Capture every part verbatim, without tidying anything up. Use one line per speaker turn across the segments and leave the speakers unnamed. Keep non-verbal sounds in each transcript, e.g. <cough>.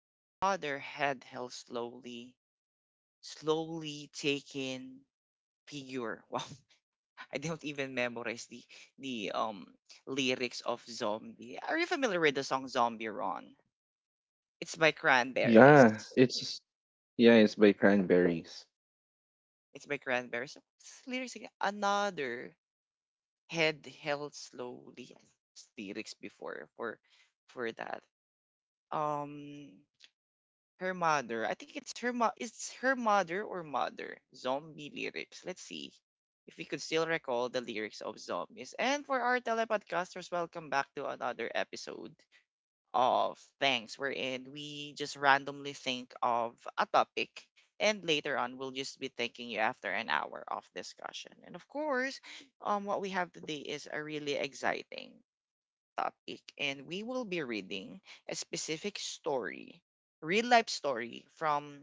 Her mother head held slowly, slowly taking figure. <laughs> Wow, I don't even memorize the the um lyrics of Zombie. Are you familiar with the song Zombie Ron? It's by Cranberries.
Yeah, it's yeah, it's by Cranberries.
It's by Cranberries. What's the lyrics again? Another head held slowly. Lyrics before for for that. Um Her mother. I think it's her mo- it's her mother or mother. Zombie lyrics. Let's see if we could still recall the lyrics of zombies. And for our telepodcasters, welcome back to another episode of Thanks, wherein we just randomly think of a topic. And later on, we'll just be thanking you after an hour of discussion. And of course, um, what we have today is a really exciting topic, and we will be reading a specific story, real life story from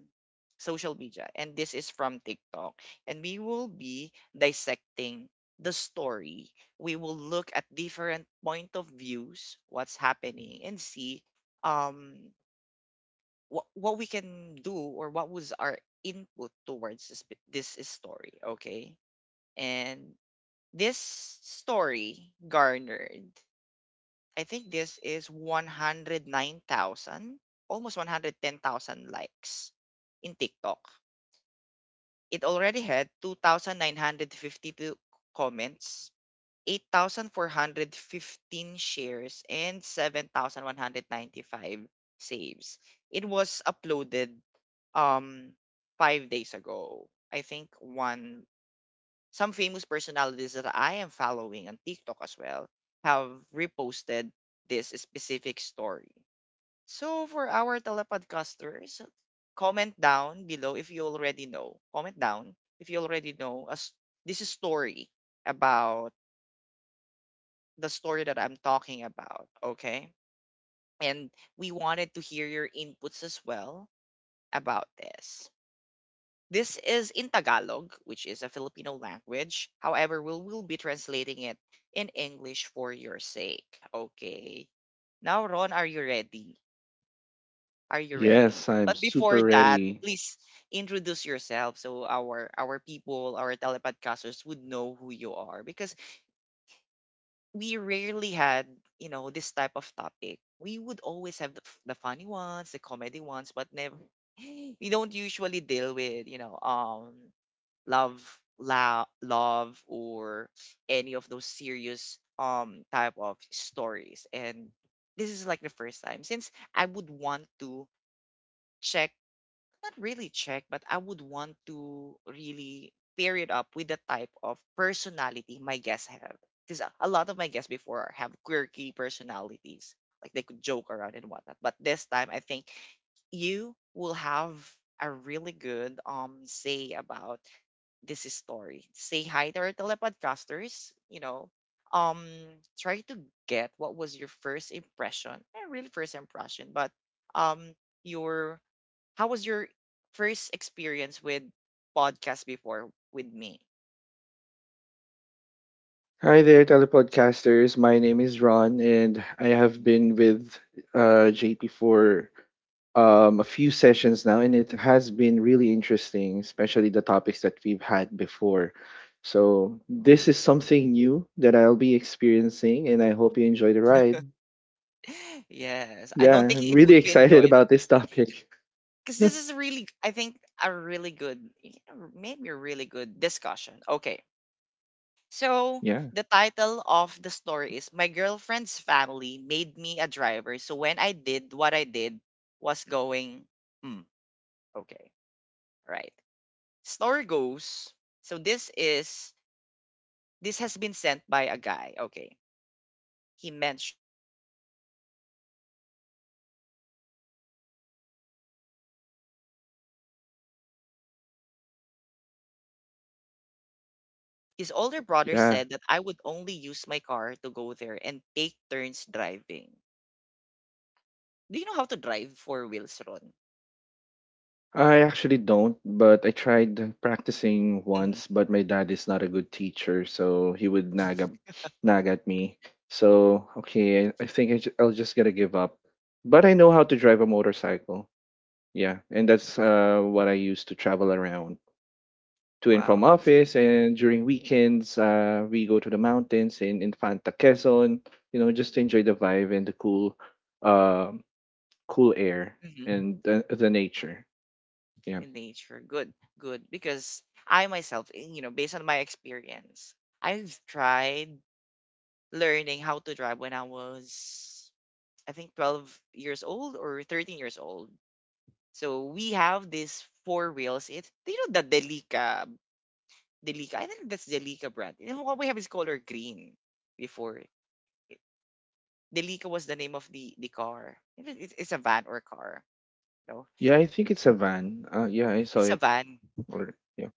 social media. And this is from TikTok. And we will be dissecting the story. We will look at different point of views, what's happening, and see um what what we can do or what was our input towards this bit- this is story. Okay, and this story garnered, I think this is one hundred nine thousand, almost one hundred ten thousand likes in TikTok. It already had two thousand nine hundred fifty-two comments, eight thousand four hundred fifteen shares, and seven thousand one hundred ninety-five saves. It was uploaded um five days ago. I think one some famous personalities that I am following on TikTok as well have reposted this specific story. So for our telepodcasters, comment down below if you already know. Comment down if you already know as this is story about the story that I'm talking about, okay? And we wanted to hear your inputs as well about this. This is in Tagalog, which is a Filipino language. However, we will be translating it in English for your sake. Okay. Now, Ron, are you ready? Are you ready?
Yes, I'm
But before
super
that,
ready.
please introduce yourself so our our people, our telepodcasters would know who you are because we rarely had, you know, this type of topic. We would always have the, f- the funny ones, the comedy ones, but never <gasps> we don't usually deal with, you know, um love, la- love or any of those serious um type of stories, and this is like the first time since I would want to check, not really check, but I would want to really pair it up with the type of personality my guests have because a a lot of my guests before have quirky personalities like they could joke around and whatnot, but this time I think you will have a really good um say about this story. Say hi to our telepodcasters, you know. Um Try to get what was your first impression. Not really first impression, but um your how was your first experience with podcast before with me?
Hi there, telepodcasters. My name is Ron, and I have been with uh, J P for um, a few sessions now, and it has been really interesting, especially the topics that we've had before. So this is something new that I'll be experiencing, and I hope you enjoy the ride.
<laughs> Yes. I
Yeah,
don't think
I'm
it
really <laughs>
would be
excited
enjoyed
about this topic.
because this is really, I think, a really good, maybe a really good discussion. Okay. So,
Yeah,
the title of the story is My Girlfriend's Family Made Me a Driver. So, when I did what I did was going, hmm, okay, right. Story goes, so this is, this has been sent by a guy. Okay. He mentioned, we attended a girlfriend's cousin's wedding in Bicol. S- So, Bicol is a nor- it's a southern part of Luzon. His older brother
yeah.
said that I would only use my car to go there and take turns driving. Do you know how to drive four wheels, Ron?
I actually don't, but I tried practicing
Hmm.
once, but my dad is not a good teacher, so he would nag, at nag at me. So, okay, I I think I ju- I'll just gotta give up. But I know how to drive a motorcycle. Yeah, and that's uh, what I use to travel around to and
Wow.
from office. And during weekends, uh, we go to the mountains in Infanta Quezon, you know, just to enjoy the vibe and the cool, uh, cool air
Hmm.
and the, the nature. Yeah.
In nature. Good. Good. Because I myself, eh, you know, based on my experience, I've tried learning how to drive when I was, I think, twelve years old or thirteen years old. So we have this four wheels. It's, do you know, the Delica. Delica. I think that's Delica brand. You know, what we have is color green before. it- Delica was the name of the the car. It- It's, it's a van or car. No,
Yeah, I think it's a van. Uh, yeah, I saw
it's a
it.
van.
Or yeah,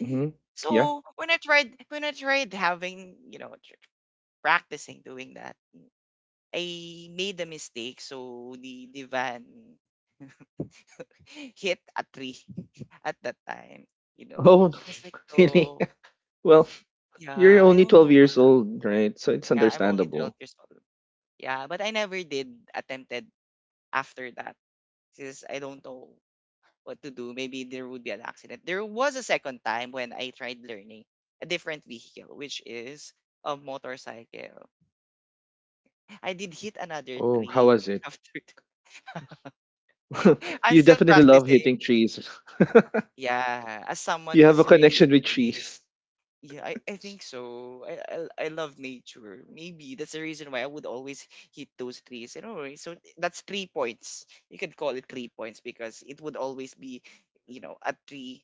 hmm yeah.
So when I tried when I tried having you know tr- practicing doing that, I made a mistake. So the the van <laughs> hit a tree <laughs> at that time. You know,
Oh,
I was like,
<laughs> really?
no,
<laughs> Well, you're
yeah, I
only
don't
twelve
know
years
why.
old, right? So it's
Yeah, I'm only twelve
understandable.
years old. Yeah, but I never did attempted after that because I don't know what to do. Maybe there would be an accident. There was a second time when I tried learning a different vehicle, which is a motorcycle. I did hit another
Oh, how
tree
was it?
<laughs> after that. <laughs>
<laughs>
I'm
You
still
definitely love
practicing.
hitting trees. <laughs>
Yeah, as someone
You have a
who's really
connection with
into
trees.
trees. Yeah, I, I think so. I, I I love nature. Maybe that's the reason why I would always hit those trees. You know, right? So that's three points. You can call it three points because it would always be, you know, a tree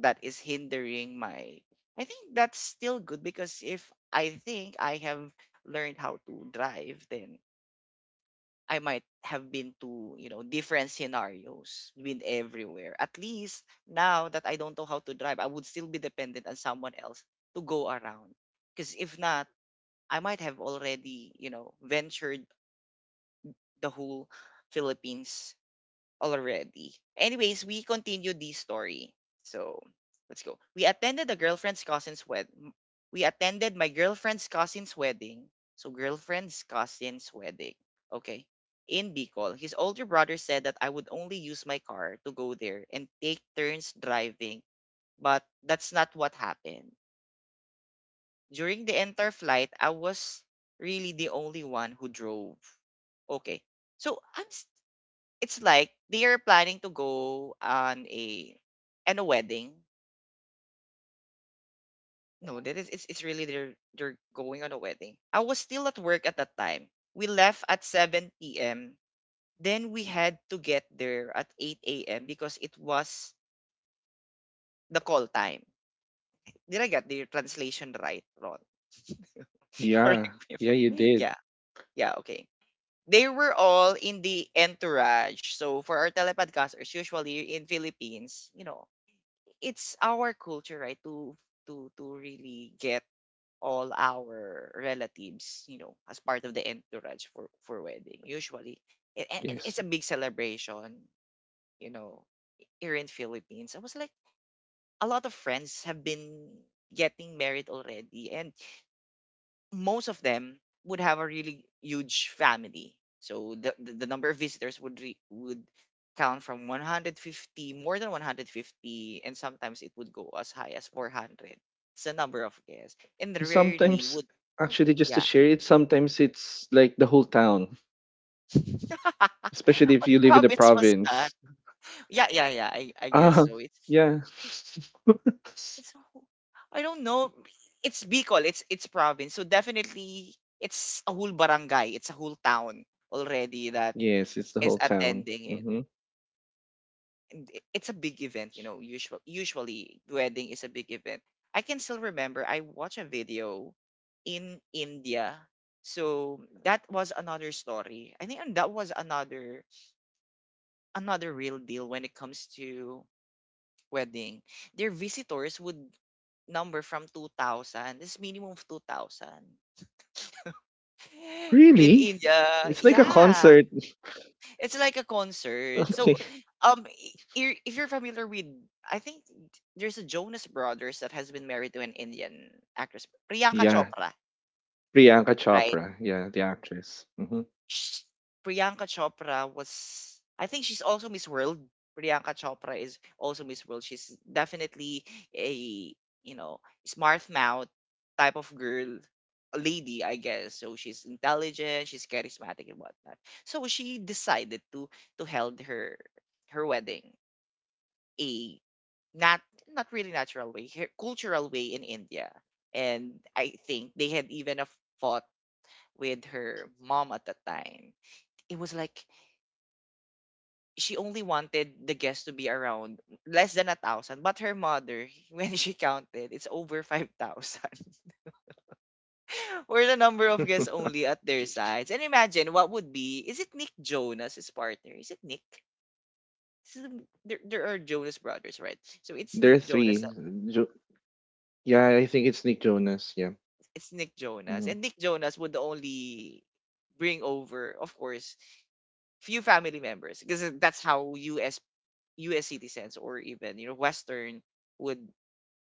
that is hindering my. I think that's still good because if I think I have learned how to drive, then I might have been to, you know, different scenarios, been everywhere. At least now that I don't know how to drive, I would still be dependent on someone else to go around. Because if not, I might have already, you know, ventured the whole Philippines already. Anyways, we continue the story. So let's go. We attended a girlfriend's cousin's wed. We attended my girlfriend's cousin's wedding. So girlfriend's cousin's wedding. Okay. In Bicol, his older brother said that I would only use my car to go there and take turns driving, but that's not what happened. During the entire flight, I was really the only one who drove. Okay. So I'm s- it's like they are planning to go on a and a wedding. No, that is it's, it's really they're they're going on a wedding. I was still at work at that time. We left at seven p m. Then we had to get there at eight a m because it was the call time. Did I get the translation right, Ron? <laughs> Correct
Yeah,
me.
yeah, you
if-
did.
Yeah, yeah, okay. They were all in the entourage. So for our telepodcasters, usually in Philippines, you know, it's our culture, right, to to to really get all our relatives, you know, as part of the entourage for for wedding. Usually, A- and, and it's
Yes.
a big celebration, you know, here in Philippines. I was like, a lot of friends have been getting married already, and most of them would have a really huge family. So the the, the number of visitors would re, would count from one hundred fifty, more than one hundred fifty, and sometimes it would go as high as four hundred. It's a number of guests, and
And
rarely
sometimes,
would.
actually, just to
Yeah.
share it, sometimes it's like the whole town, especially
<laughs>
if
What
you live in the
province was that?
province.
Yeah, yeah, yeah. I, I guess
Ah,
so. It's
yeah. <laughs>
it's a- I don't know. It's Bicol. It's it's province. So definitely it's a whole barangay. It's a whole town already that
Yes, it's the
is
whole town.
attending,
Hmm.
and i- it's a big event, you know, usually usually wedding is a big event. I can still remember I watched a video in India. So that was another story. I think that was another another real deal when it comes to wedding. Their visitors would number from two thousand. This minimum of two thousand. <gasps> <laughs> In
Really?
India,
It's like a
yeah.
concert. <laughs>
It's like a concert.
Okay.
So, um, i- i- if you're familiar with, I think there's a Jonas Brothers that has been married to an Indian actress, Priyanka
Yeah.
Chopra,
Priyanka
right?
Chopra. Yeah, the actress. Hmm.
Sh Priyanka Chopra was, I think she's also Miss World. Priyanka Chopra is also Miss World. She's definitely a, you know, smart mouth type of girl, a lady, I guess. So she's intelligent, she's charismatic and whatnot. So she decided to to held her her wedding a not not really natural way, her- cultural way in India. And I think they had even a fought with her mom at the time. It was like she only wanted the guests to be around less than a thousand, but her mother, <laughs> when she counted, it's over five thousand. <laughs> or the number of guests
<laughs>
only at their sides. And imagine what would be, is it Nick Jonas, his partner? Is it Nick? This Is There, there are Jonas brothers, right? So it's
There
Nick
are three.
Jonas.
Jo- yeah, I think it's Nick Jonas. Yeah.
It's Nick Jonas.
Hmm.
And Nick Jonas would only bring over, of course, few family members because that's how U S U S citizens or even you know Western would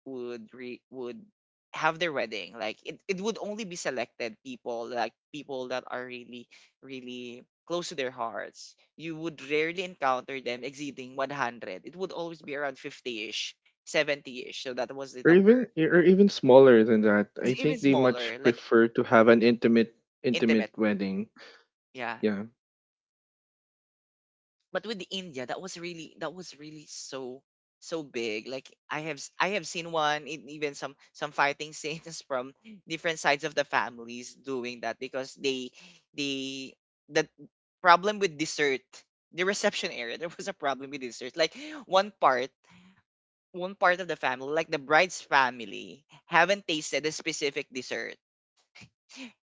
would re, would have their wedding. Like it, it would only be selected people like people that are really really close to their hearts. You would rarely encounter them exceeding one hundred. It would always be around fifty-ish, seventy-ish. So that was the
Or even,
number.
or even smaller than that. I
It's even
think they
smaller,
much
like
prefer to have an intimate intimate
intimate.
wedding.
Yeah.
Yeah.
But with India, that was really that was really so so big. Like I have s- I have seen one in even some some fighting <laughs> scenes from different sides of the families doing that, because they they the problem with dessert, the reception area, <laughs> there was a problem with dessert. Like one part one part of the family, like the bride's family, haven't tasted a specific dessert,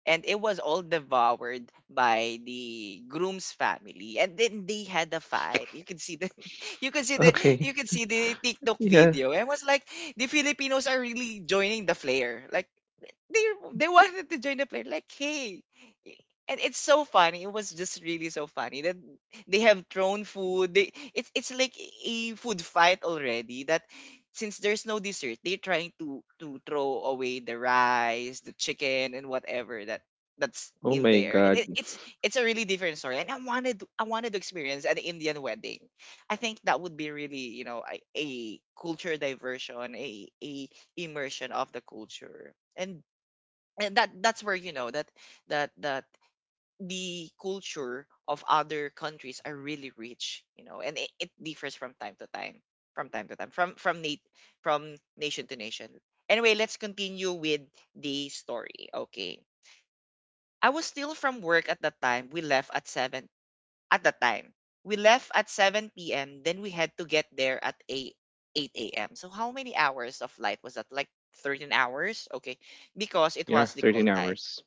and it was all devoured by the groom's family, and then they had a fight. You can see the <laughs> you can see the you
Okay.
can see the
<laughs>
TikTok
Yeah.
video, and was like, the Filipinos are really joining the flare, like they they wanted to join the plane, like, hey. And it's so funny, it was just really so funny that they have thrown food, they it's it's like a food fight already, that since there's no dessert, they're trying to to throw away the rice, the chicken, and whatever that that's
Oh
in
my
there. And it,
god.
it's it's a really different story. And i wanted to- I wanted to experience an Indian wedding. I think that would be really, you know a, a culture diversion, a a immersion of the culture. And and that that's where, you know that that that the culture of other countries are really rich. You know and it, it differs from time to time, from time to time, from from nat- from nation to nation. Anyway, let's continue with the story. Okay. I was still from work at that time. We left at seven, at that time we left at seven p.m. Then we had to get there at eight eight a.m. So how many hours of flight was that? Like thirteen hours. Okay. Because it
Yeah,
was the call
thirteen
time,
hours.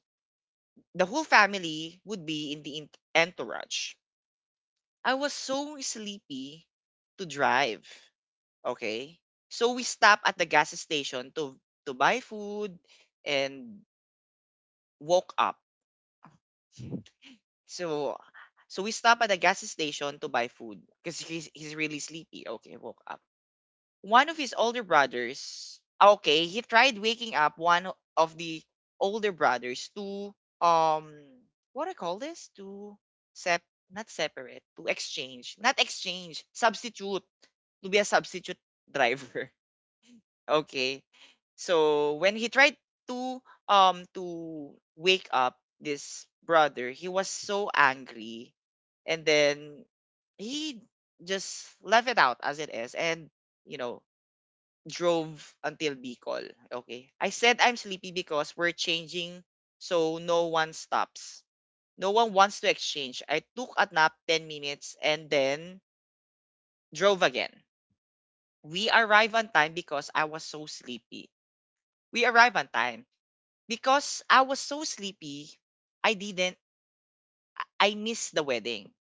the whole family would be in the ent- entourage. I was so sleepy to drive. Okay? So we stopped at the gas station to to buy food and woke up. So so we stopped at the gas station to buy food because he's, he's really sleepy. Okay, woke up. One of his older brothers, ah, okay, he tried waking up one of the older brothers to, um what do I call this, to sep not separate, to exchange, not exchange, substitute, to be a substitute driver. <laughs> Okay. So when he tried to, um to wake up this brother, he was so angry. And then he just left it out as it is and, you know drove until Bicol. Okay. I said I'm sleepy because we're changing, so no one stops. No one wants to exchange. I took a nap ten minutes and then drove again. We arrive on time because I was so sleepy. We arrive on time because I was so sleepy. I didn't, I I missed the wedding.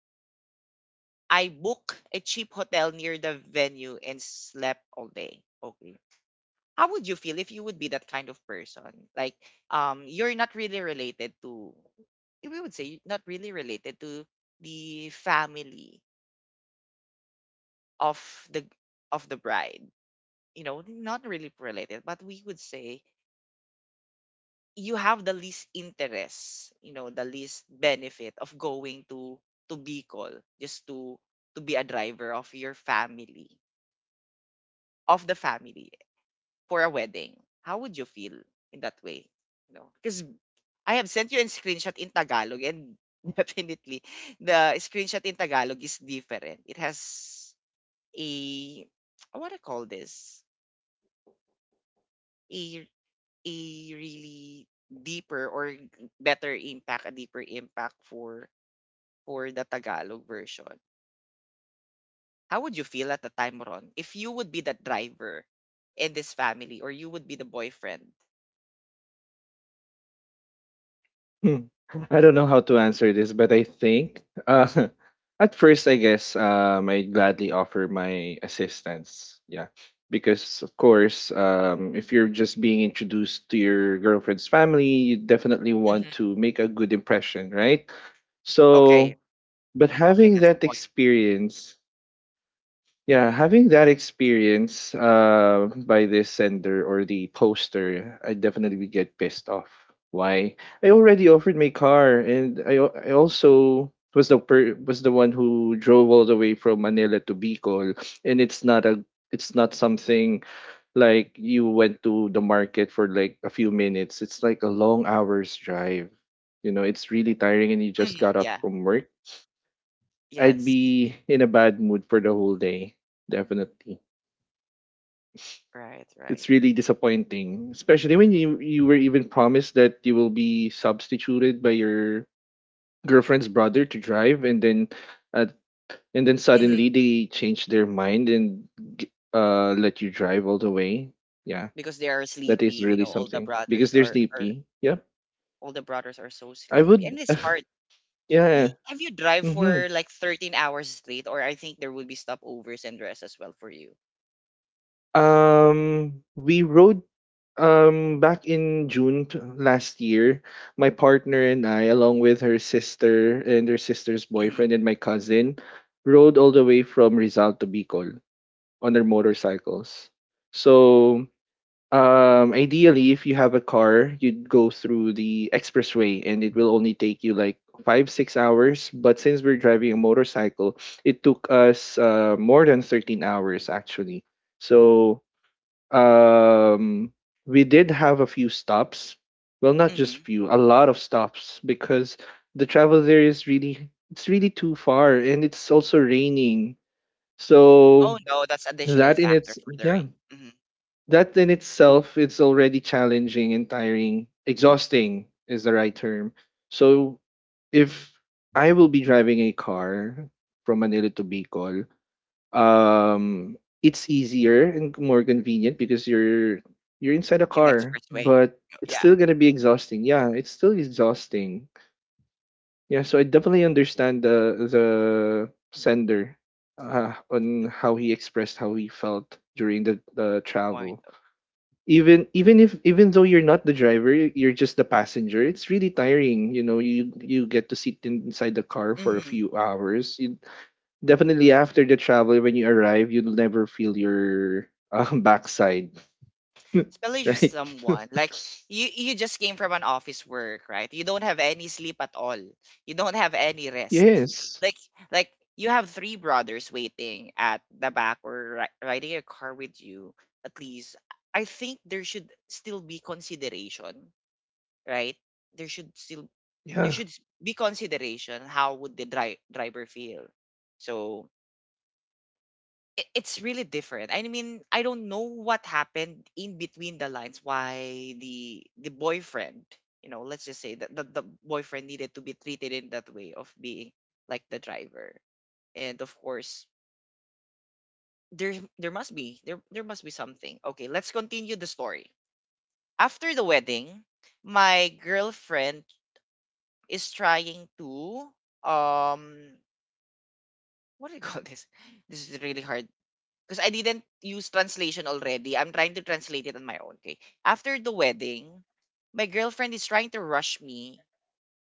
I booked a cheap hotel near the venue and slept all day. Okay. How would you feel if you would be that kind of person? Like, um, you're not really related to, we would say, not really related to the family of the of the bride. You know, not really related, but we would say you have the least interest. You know, the least benefit of going to to Bicol, just to to be a driver of your family, of the family, for a wedding. How would you feel in that way? You know, because I have sent you a screenshot in Tagalog, and <laughs> definitely the screenshot in Tagalog is different. It has a, what I want to call this, a a really deeper or better impact, a deeper impact for for the Tagalog version. How would you feel at the time, Ron, if you would be the driver in this family, or you would be the boyfriend?
Hmm. I don't know how to answer this, but I think uh, <laughs> at first, I guess um, I'd gladly offer my assistance. Yeah, because of course, um, if you're just being introduced to your girlfriend's family, you definitely want
Hmm.
to make a good impression, right?
Okay.
So, but
Okay,
having
that's the
that
point.
experience, yeah,
Hmm.
having that experience uh, by this sender or the poster, I definitely get pissed off. Why? I already offered my car, and I al- I also was the per- was the one who drove all the way from Manila to Bicol, and it's not a, it's not something like you went to the market for like a few minutes. It's like a long hours drive. You know, it's really tiring, and you
Hmm.
just got up
Yeah.
from work. I'd
Yes.
be in a bad mood for the whole day, definitely.
Right. Right.
It's really disappointing, especially when you you were even promised that you will be substituted by your girlfriend's brother to drive, and then uh, and then
Hmm.
suddenly they change their mind and g- uh let you drive all the way. Yeah,
Because they are
that is
sleepy. You
really
know, all the
something because
brothers
there's
are, are
D P. Yep,
all the brothers are so
I
sleepy, and
would.
it's hard.
<laughs> Yeah.
He, have you drive
Mm-hmm.
for like thirteen hours straight, or I think there will be stopovers and rest as well for you?
Um, we rode um back in June t- last year. My partner and I, along with her sister and her sister's
Hmm.
boyfriend and my cousin, rode all the way from Rizal to Bicol on our motorcycles. So, um, ideally, if you have a car, you'd go through the expressway, and it will only take you like five six hours. But since we're driving a motorcycle, it took us uh, more than thirteen hours actually. So, um we did have a few stops, well, not just
Hmm.
few, a lot of stops, because the travel there is really, it's really too far, and it's also raining. So
Oh no, that's additional
that in
factor
its
for the
yeah,
rain. Hmm.
that in itself, it's already challenging and tiring, exhausting is the right term. So if I will be driving a car from Manila to Bicol, um it's easier and more convenient because you're you're inside a
In
car,
expressway.
but it's
Yeah.
still going to be exhausting. Yeah, it's still exhausting. Yeah, so I definitely understand the the sender uh, on
the,
how he expressed how he felt during the, the
the point
travel.
of—
Even even if even though you're not the driver, y- you're just the passenger, it's really tiring, you know, you you get to sit in- inside the car for a
Mhm.
few hours. You, definitely after the travel, when you arrive, you'll never feel your um, <laughs> backside,
Especially if
right?
someone like
<laughs>
you you just came from an office work, right? You don't have any sleep at all. You don't have any rest,
Yes.
like, like you have three brothers waiting at the back, or ri- riding a car with you. At least, I think there should still be consideration, right? There should still, there
Yeah.
should s- be consideration. How would the dri- driver feel? So i- it's really different. I mean, I don't know what happened in between the lines, why the the boyfriend, you know, let's just say that the, the boyfriend needed to be treated in that way of being like the driver. And of course, there there must be, there there must be something. Okay, let's continue the story. After the wedding, my girlfriend is trying to, um what do you call this? <laughs> This is really hard because I didn't use translation already. I'm trying to translate it on my own. Okay. After the wedding, my girlfriend is trying to rush me,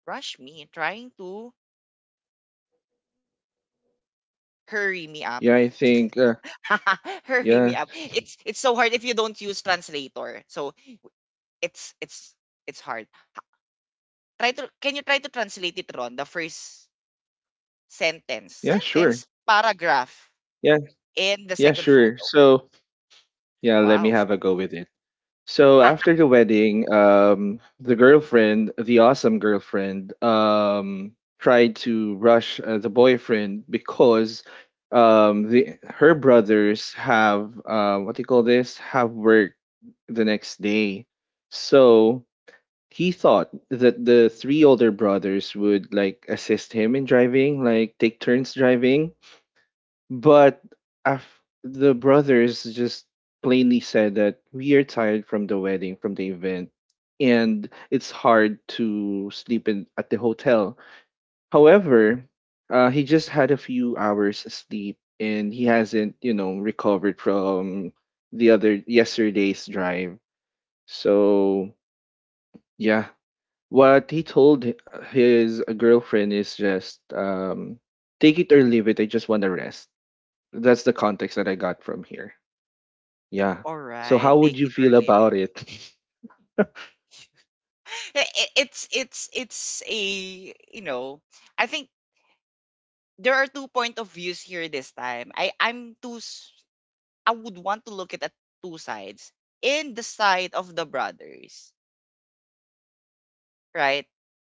rush me, trying to hurry me up,
Yeah, I think. Uh,
<laughs> hurry
yeah.
me up. It's it's so hard if you don't use translator. So it's it's it's hard. Try to can you try to translate it, Ron? The first sentence,
Yeah, sure.
sentence, paragraph,
Yeah.
and the
Yeah,
second
sure.
photo.
So, yeah, let me
Wow.
have a go with it. So
<laughs>
after the wedding, um, the girlfriend, the awesome girlfriend, um, tried to rush uh, the boyfriend because um, the her brothers have, uh, what do you call this? Have work the next day. So he thought that the three older brothers would like assist him in driving, like take turns driving, but af- the brothers just plainly said that we are tired from the wedding, from the event, and it's hard to sleep in at the hotel. However, uh, he just had a few hours sleep, and he hasn't, you know, recovered from the other yesterday's drive. So yeah, what he told hi- his girlfriend is just um, take it or leave it. I just want to rest. That's the context that I got from here. Yeah.
All
So
right,
how would
take
you
it
feel
early.
about it? <laughs>
I- i- it's it's it's a, you know I think there are two point of views here this time. I I'm too s- I would want to look at at two sides. In the side of the brothers, right?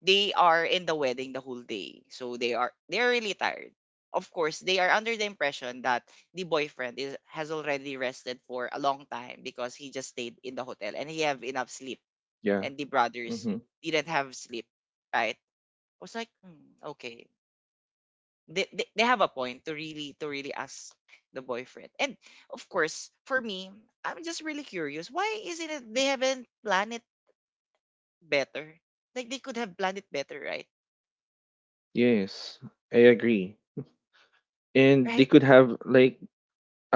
They are in the wedding the whole day, so they are they're really tired. Of course, they are under the impression that the boyfriend is has already rested for a long time, because he just stayed in the hotel and he have enough sleep.
Yeah.
And the brothers
Mm-hmm.
didn't have sleep, right? I was like, hmm, okay. They, they, they have a point to really to really ask the boyfriend. And of course, for me, I'm just really curious. Why isn't it they haven't planned it better? Like they could have planned it better, right?
Yes, I agree. And they
Right?
could have like,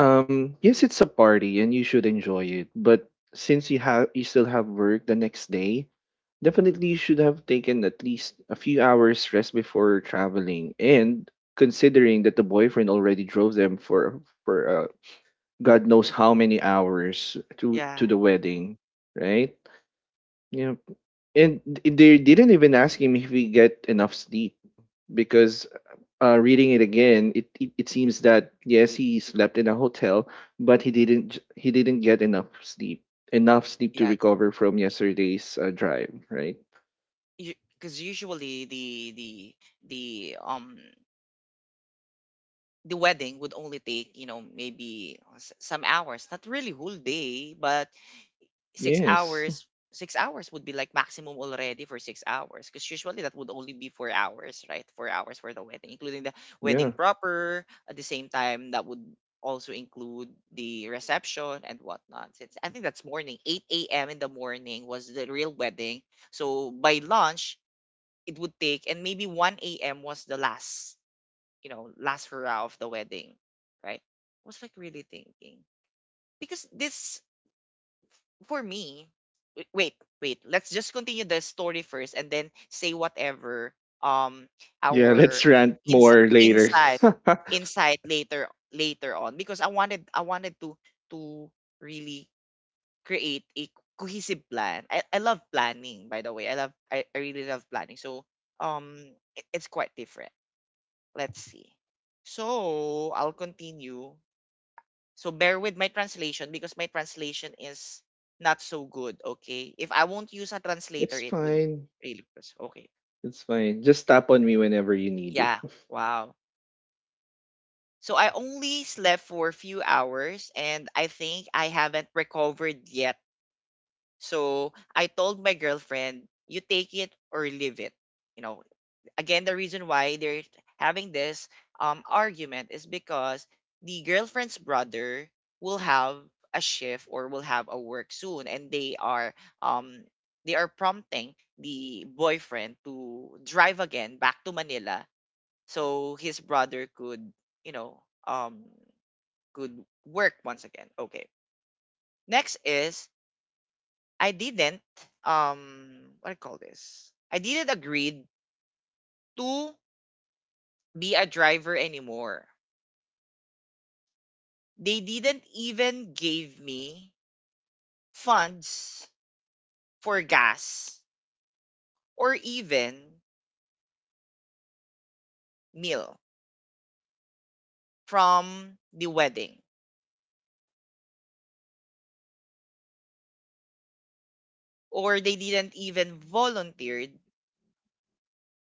um yes, it's a party and you should enjoy it, but since you have you still have work the next day, definitely should have taken at least a few hours rest before traveling, and considering that the boyfriend already drove them for for uh, god knows how many hours to
Yeah.
to the wedding, right? Yeah. And th- they didn't even ask him if he get enough sleep, because uh, reading it again, it, it it seems that yes, he slept in a hotel, but he didn't j- he didn't get enough sleep, enough sleep to
Yeah.
recover from yesterday's uh, drive, right?
Because usually the the the um the wedding would only take, you know maybe uh, s- some hours, not really whole day, but six
Yes.
hours. six hours would be like maximum already for six hours, because usually that would only be four hours, right? four hours for the wedding, including the wedding
Yeah.
proper. At the same time, that would also include the reception and whatnot. Since I think that's morning, eight a.m. in the morning was the real wedding. So by lunch it would take, and maybe one a.m. was the last, you know last hurrah of the wedding, right? I was like really thinking because this, for me, w- wait, wait. Let's just continue the story first, and then say whatever, um
Yeah,
our
let's rant
ins-
more later.
insight
<laughs>
insight later, later on. Because I wanted I wanted to to really create a cohesive plan. I, I love planning, by the way. I love I, I really love planning. So, um it, it's quite different. Let's see. So I'll continue, so bear with my translation because my translation is not so good, okay? If I won't use a translator,
It's
it would
fine.
really press. Okay.
It's fine. Just tap on me whenever you need it.
Yeah.
<laughs>
Wow. So I only slept for a few hours and I think I haven't recovered yet. So I told my girlfriend, you take it or leave it. You know, again, the reason why they're having this, um argument, is because the girlfriend's brother will have a shift or will have a work soon, and they are um they are prompting the boyfriend to drive again back to Manila, so his brother could, you know um could work once again. Okay. Next is, I didn't, um what do I call this, I didn't agree to be a driver anymore. They didn't even give me funds for gas, or even meal from the wedding. Or they didn't even volunteered.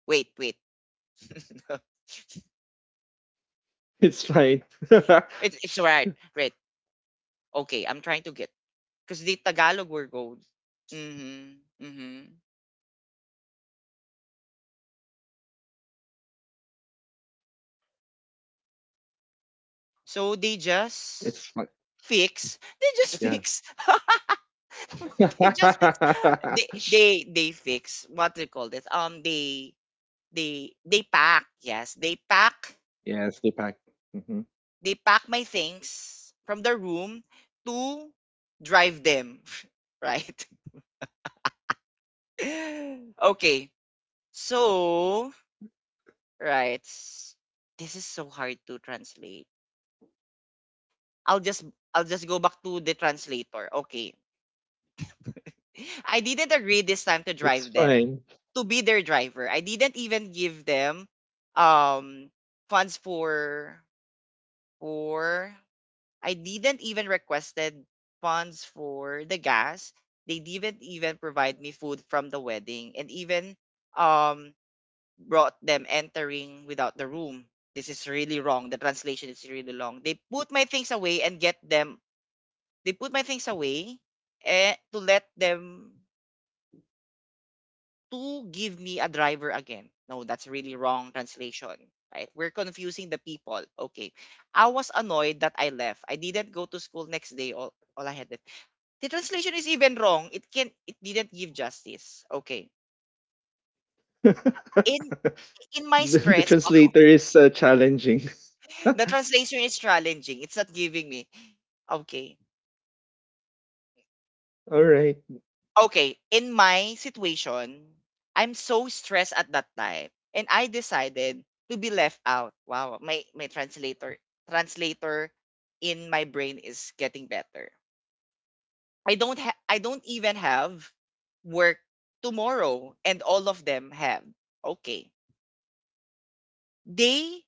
Wait, wait. <laughs>
It's fine. <laughs>
it's it's right, right. Okay, I'm trying to get, because the Tagalog were gold. Mm-hmm. Mm-hmm. So they just
It's fine.
fix. They just
Yeah.
fix. <laughs>
<laughs> Yeah,
They just fix. They they they fix. What do you call this? Um, they, They they pack, yes, they pack,
sleep hack. Hmm.
they pack my things from the room to drive them, <laughs> right? <laughs> Okay. So, right. s- This is so hard to translate. I'll just I'll just go back to the translator. Okay. I didn't agree this time to
That's
drive them,
fine.
to be their driver. I didn't even give them, um funds for, for I didn't even requested funds for the gas. They didn't even provide me food from the wedding, and even, um brought them entering without the room. This is really wrong. The translation is really long. They put my things away and get them. They put my things away, eh, to let them to give me a driver again. No, that's really wrong translation. Right? We're confusing the people. Okay. I was annoyed that I left. I didn't go to school next day. All, all I had. The translation is even wrong. It can it didn't give justice. Okay.
<laughs> the,
In in my
the
stress, <laughs>
translator is uh, challenging. <laughs> All
the translation is challenging. It's not giving me. Okay.
right.
Okay. In my situation, I'm so stressed at that time and I decided to be left out. Wow, my my translator translator in my brain is getting better. I don't ha- I don't even have work tomorrow and all of them have. Okay. They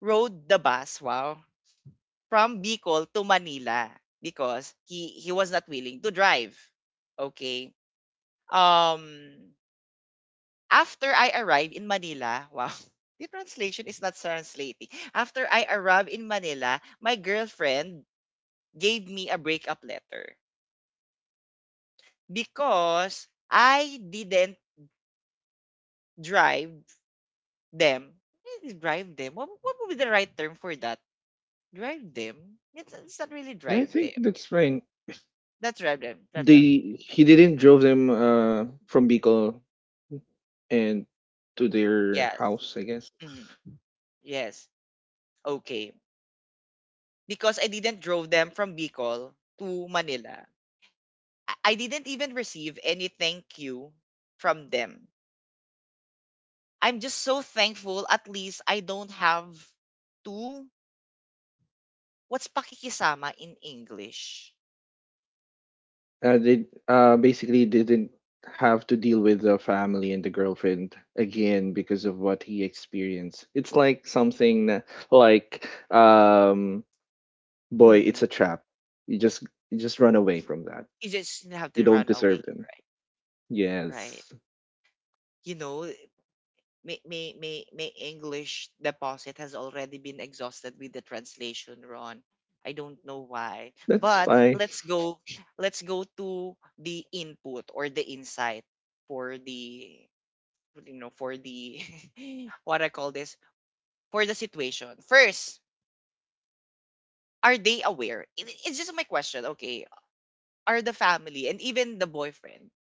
rode the bus, wow, from Bicol to Manila because he he was not willing to drive. Okay. Um After I arrived in Manila, wow. <laughs> The translation is not translating. After I arrived in Manila, my girlfriend gave me a breakup letter because I didn't drive them. Eh, drive them. What, what would be the right term for that? Drive them? It's, it's not really
Yeah, I
drive them.
think that's fine.
That's drive them. That's all.
They, he didn't drove them uh from Bicol and to their
Yes.
house, I guess.
Mhm. Yes. Okay. Because I didn't drove them from Bicol to Manila. I I didn't even receive any thank you from them. I'm just so thankful at least I don't have to what's pakikisama in English.
Uh, they uh, basically didn't have to deal with the family and the girlfriend again because of what he experienced. It's like something na- like, um, boy, it's
Hmm.
a trap. You just you just run away from that.
You just have
You
to
don't
run away,
deserve them.
right? Right.
Yes,
You know, may may may may English deposit has already been exhausted with the translation, Ron. I don't know why.
that's
But
fine.
let's go let's go to the input or the insight for the you know for the <laughs> what I call this for the situation. First, are they aware? It, it's just my question, okay? Are the family and even the boyfriend,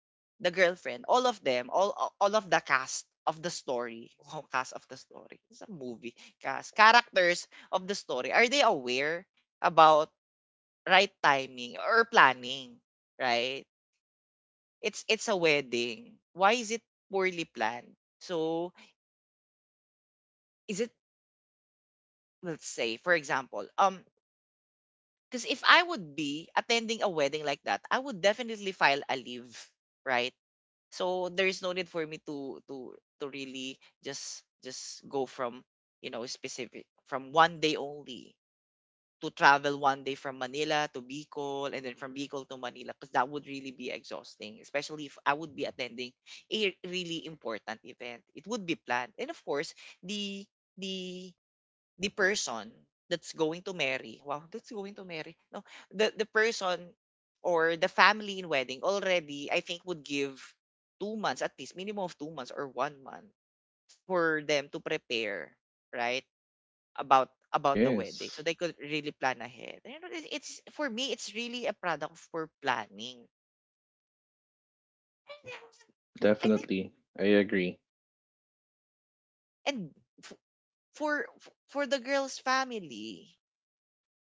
the girlfriend, all of them, all all of the cast of the story, <laughs> oh, cast of the story, it's a movie, cast characters of the story. Are they aware about right timing or planning? Right? It's it's a wedding. Why is it poorly planned? So is it, let's say for example, um, because if I would be attending a wedding like that, I would definitely file a leave, right? So there is no need for me to to to really just just go from you know specific from one day only to travel one day from Manila to Bicol and then from Bicol to Manila because that would really be exhausting, especially if I would be attending a really important event. It would be planned. And of course, the the the person that's going to marry, wow, that's going to marry, no, the the person or the family in wedding already, I think, would give two months, at least minimum of two months or one month for them to prepare, right? About about the wedding, so
Yes,
they could really plan ahead. You know, it's, it's for me, it's really a product for planning, I think.
definitely. I agree.
And f- for f- for the girl's family.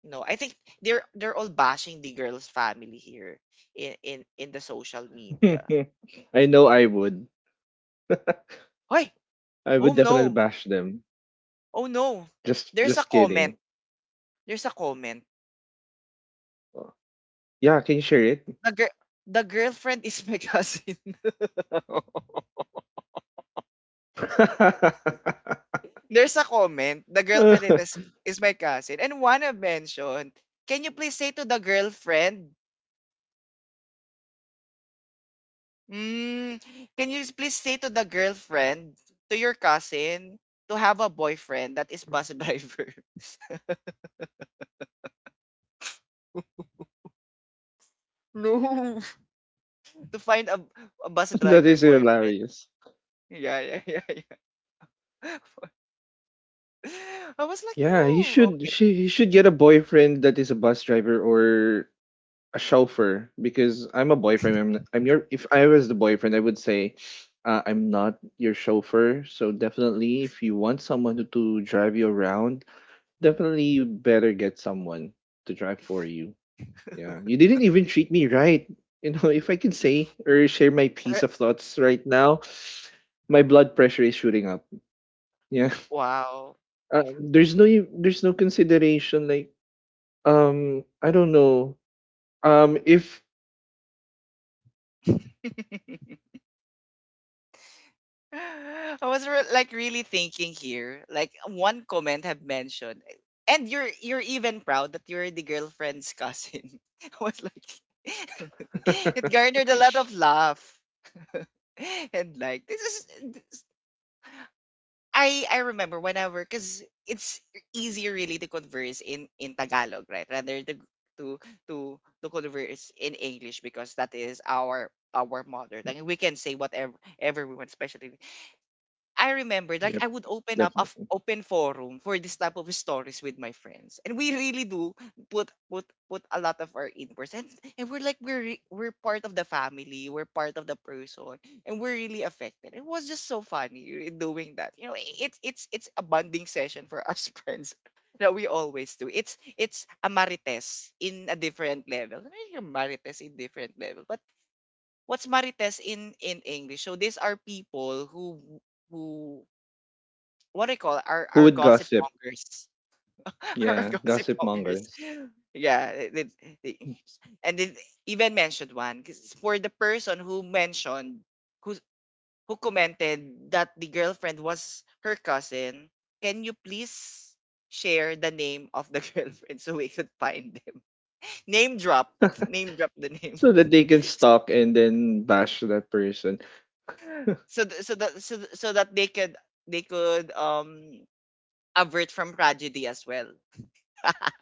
No, I think they're they're all bashing the girl's family here in in in the social media.
<laughs> I know I would.
Hey,
I
oh
would definitely
no,
bash them.
oh no.
Just
There's a
just
comment.
kidding.
There's a comment.
Yeah, can you share
The girl, the girlfriend is my <laughs> cousin. There's a comment. The girlfriend
it? <laughs>
is is my cousin, and Juana mentioned, can you please say to the girlfriend? Mm, can you please say to the girlfriend, to your cousin, to have a boyfriend that is bus driver? <laughs> No. To find a, a bus
<laughs> That
driver
is
boyfriend. <laughs>
hilarious.
Yeah, yeah, yeah, yeah. <laughs> I was like,
Yeah, he
no, okay,
should, she he should get a boyfriend that is a bus driver or a chauffeur, because I'm a boyfriend. I'm I'm your, if I was the boyfriend, I would say uh, I'm not your chauffeur. So definitely, if you want someone to, to drive you around, definitely you better get someone to drive for you. Yeah, you didn't even treat me right. You know, <laughs> if I can say or share my
re-
piece of thoughts right now, my blood pressure is shooting up. Yeah.
wow.
uh, there's no e- there's no consideration. Like um I don't know um if
<laughs> I was re- like really thinking here. Like one comment have mentioned, and you're you're even proud that you're the girlfriend's cousin. <laughs> I was like, <laughs> it
<laughs>
garnered a lot of laugh, and like this is I I remember whenever because it's easier really to converse in in Tagalog, right? Rather to to to to converse in English because that is our our mother tongue. We can say whatever ever we want, especially I remember, like, I
yep,
would open up a f-
definitely.
open forum for this type of stories with my friends, and we really do put put put a lot of our inputs, and, and we're like we're re- we're part of the family, we're part of the person, and we're really affected. It was just so funny doing that. You know, it's it's it's a bonding session for us <laughs> friends that we always do. It's it's a marites in a different level. I mean, you're marites in different level, but what's marites in in English? So these are people who who what do you call it? our
Who
our
would
gossip
gossip.
mongers, <laughs> our
Yeah,
gossip
gossip
mongers.
mongers.
Yeah, they, they, they- and they even mentioned one because for the person who mentioned who who commented that the girlfriend was her cousin. Can you please share the name of the <laughs> girlfriend so we could find them? <laughs> Name drop, name drop the name.
So that they can stalk and then bash that person.
<laughs> so th- so that so, th- so that they could they could um avert from tragedy as well. <laughs>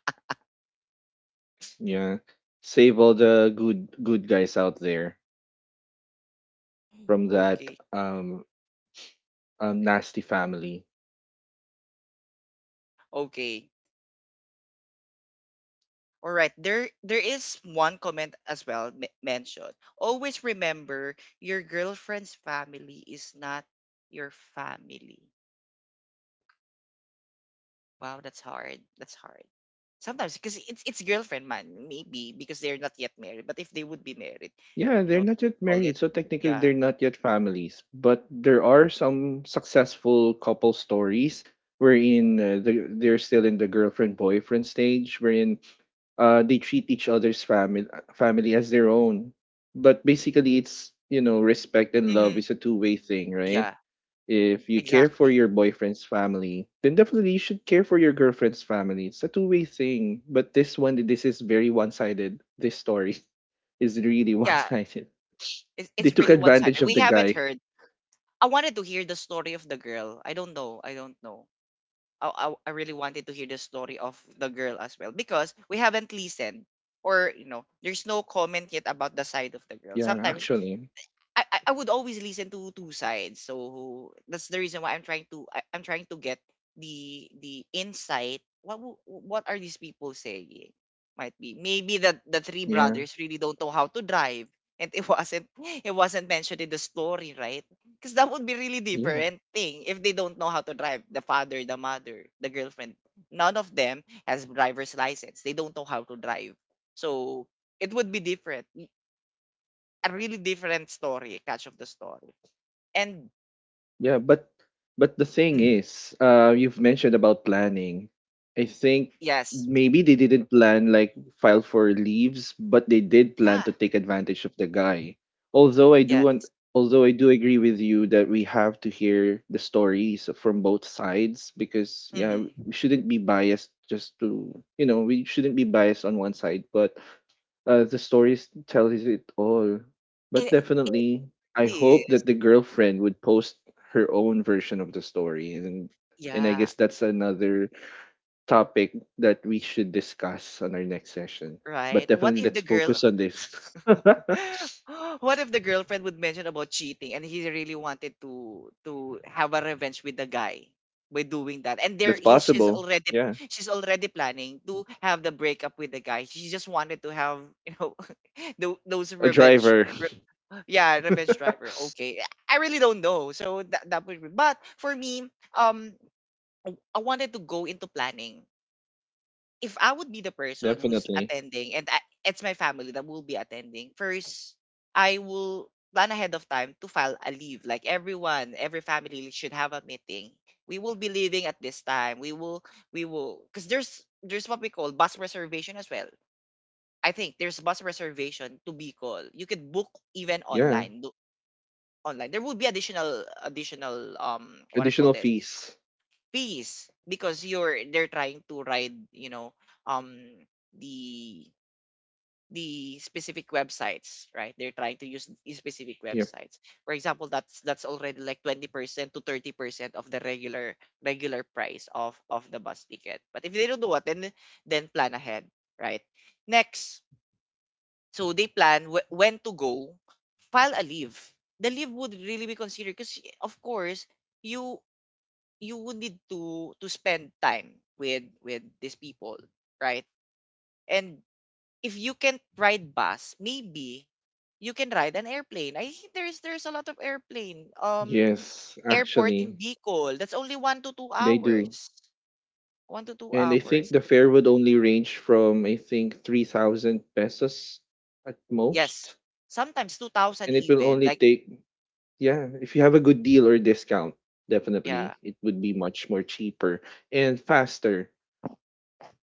Yeah, save all the good, good guys out there from that
Okay.
um, um nasty family.
Okay. All right, there there is one comment as well m- mentioned. Always remember your girlfriend's family is not your family. Wow, that's hard. That's hard. Sometimes because it's it's girlfriend man, maybe because they're not yet married. But if they would be married,
Yeah,
you
they're
know,
not yet
call it.
married, so technically
Yeah.
they're not yet families. But there are some successful couple stories wherein uh, the, they're still in the girlfriend boyfriend stage, wherein uh, they treat each other's family family as their own. But basically, it's, you know, respect and love
Hmm.
is a two way thing, right?
Yeah.
If you care for
Exactly.
your boyfriend's family, then definitely you should care for your girlfriend's family. It's a two way thing. But this one, this is very one sided. This story is really <laughs> one
Yeah.
sided.
It's
They
it's
took
really one
advantage
sided.
of
We
the
haven't
guy.
heard. I wanted to hear the story of the girl. I don't know. I don't know. I, I, I really wanted to hear the story of the girl as well because we haven't listened, or you know, there's no comment yet about the side of the girl
Yeah,
sometimes.
actually.
I, I I would always listen to two sides. So that's the reason why I'm trying to I, I'm trying to get the the insight. What wo- what are these people saying? Might be maybe that the three
Yeah.
brothers really don't know how to drive, and it <laughs> wasn't it wasn't mentioned in the story, right? Because that would be really
Yeah.
different thing if they don't know how to drive. The father, the mother, the girlfriend, none of them has driver's license. They don't know how to drive, so it would be different, a really different story, catch of the story. And
Yeah, but but the thing
mm,
is, uh, you've mentioned about planning. I think
yes,
maybe they didn't plan like file for leaves, but they did
yeah,
plan to take advantage of the guy. Although I do want,
yes,
although I do agree with you that we have to hear the stories from both sides, because yeah,
mm,
we shouldn't be biased just to you know, we shouldn't be biased on one side, but uh, the stories tells it all. But
it it
definitely, I
really
hope
is,
that the girlfriend would post her own version of the story, and and I
yeah,
guess that's another topic that we should discuss on our next session. But
right. What
definitely
if
let's
the girl,
focus on this.
<gasps> <laughs> what if the girlfriend would mention about cheating, and he really wanted to to have a revenge with the guy by doing that, and
<laughs>
there
That's
he, she's
possible.
already
Yeah.
she's already planning to have the breakup with the guy. She just wanted to have, you know, <laughs> tho- those
A
revenge.
driver.
Yeah,
<laughs>
Revenge Driver. Okay. I really don't know. So that that would be, but for me, um w- I wanted to go into planning. If I would be the person who's
Definitely.
attending and I, it's my family that will be attending, first I will plan ahead of time to file a leave. Like everyone, every family should have a meeting. We will be leaving at this time. We will we will because there's there's what we call bus reservation as well. I think there's bus reservation to be called. You could book even
Yeah.
online. Online there will be additional additional um what I call
Additional
this
fees.
fees because you're they're trying to ride, you know, um the the specific websites, right? They're trying to use the specific
Yep.
websites, for example. That's that's already like twenty percent to thirty percent of the regular regular price of of the bus ticket. But if they don't do what, then then plan ahead, right? Next, so they plan wh- when to go, file a leave. The leave would really be considered because of course you you would need to to spend time with with these people, right? And if you can't ride bus, maybe you can ride an airplane. I think there's there's a lot of airplane. Um,
Yes,
airport in
actually
Bicol. That's only one to two
they do.
hours. One to two
And I think
hours.
the fare would only range from I think three thousand pesos at
Yes,
most,
sometimes two thousand
and it will
even.
only
Like
take… Yeah, if you have a good deal or discount, definitely
yeah,
it would be much more cheaper and faster,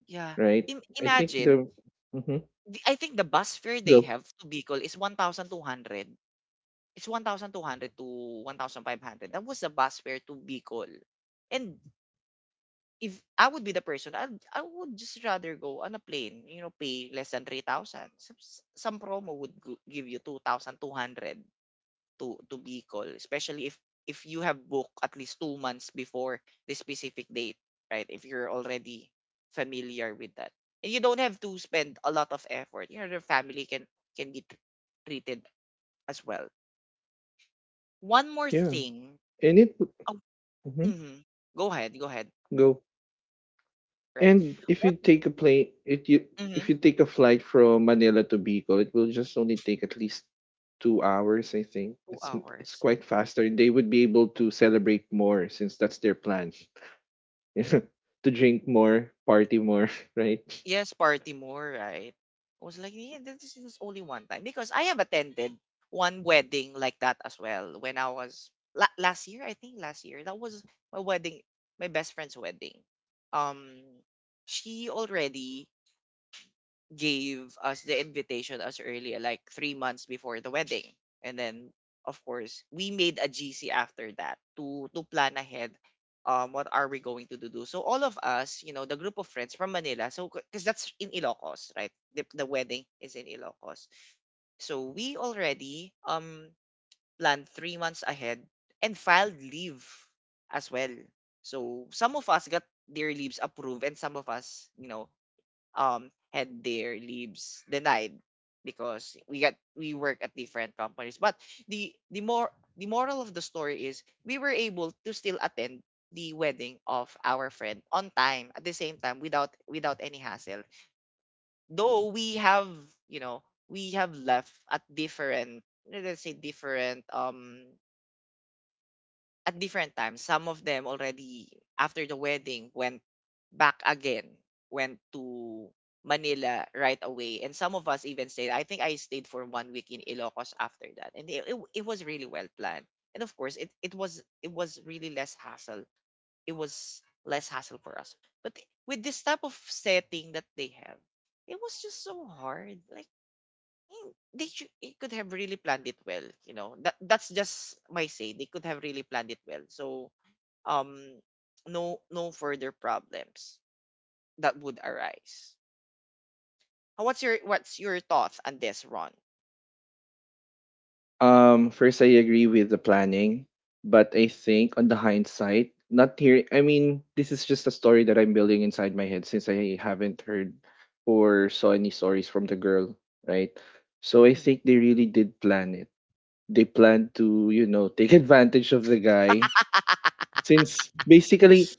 yeah.
right?
Im-
I think
imagine
the mhm,
the- I think the bus fare they
go
have to Bicol is one thousand two hundred. It's one thousand two hundred to one thousand five hundred. That was the bus fare to Bicol. And if I would be the person, I'd, I would just rather go on a plane, you know, pay less than three thousand. Some, some promo would go- give you two thousand two hundred to to Bicol, especially if if you have booked at least two months before the specific date, right? If you're already familiar with that, and you don't have to spend a lot of effort, you know, your family can can be tr- treated as well. One more
Yeah,
thing.
and it would…
Oh.
mhm,
Mhm. Go ahead, go ahead,
go
right?
And if
What?
you take a plane, it you if
Mhm.
you take a flight from Manila to Bicol, it will just only take at least two hours. I think
Two
it's m- it's
hours.
quite faster. They would be able to celebrate more since that's their plan <laughs> to drink more, party more, <laughs> right?
Yes, party more, right? I was like, yeah, this is only one time because I have attended one wedding like that as well when I was la- last year, I think last year. That was my wedding, my best friend's wedding. Um, she already gave us the invitation as early like three months before the wedding, and then of course we made a gc after that to to plan ahead, um what are we going to do so all of us, you know, the group of friends from manila, so because that's in ilocos, right? The, the wedding is in ilocos, so we already um planned three months ahead and filed leave as well. So some of us got their leaves approved, and some of us, you know, um had their leaves denied, because we got we work at different companies. But the the more the moral of the story is we were able to still attend the wedding of our friend on time at the same time without without any hassle. Though we have, you know, we have left at different, let's say different, um at different times. Some of them already after the wedding went back again, went to Manila right away. And some of us even stayed. I think I stayed for one week in Ilocos after that. And it, it, it was really well planned. And of course, it, it was it was really less hassle. It was less hassle for us. But with this type of setting that they have, it was just so hard. Like eh, they should, it could have really planned it well. You know, that that's just my say. They could have really planned it well. So um no no further problems that would arise. Uh, What's your what's your thoughts on this, Ron?
Um, first, I agree with the planning, but I think on the hindsight, not here. I mean, this is just a story that I'm building inside my head since I haven't heard or saw any stories from the girl, right? So I
Hmm.
think they really did plan it. They planned to, you know, take advantage of the guy since basically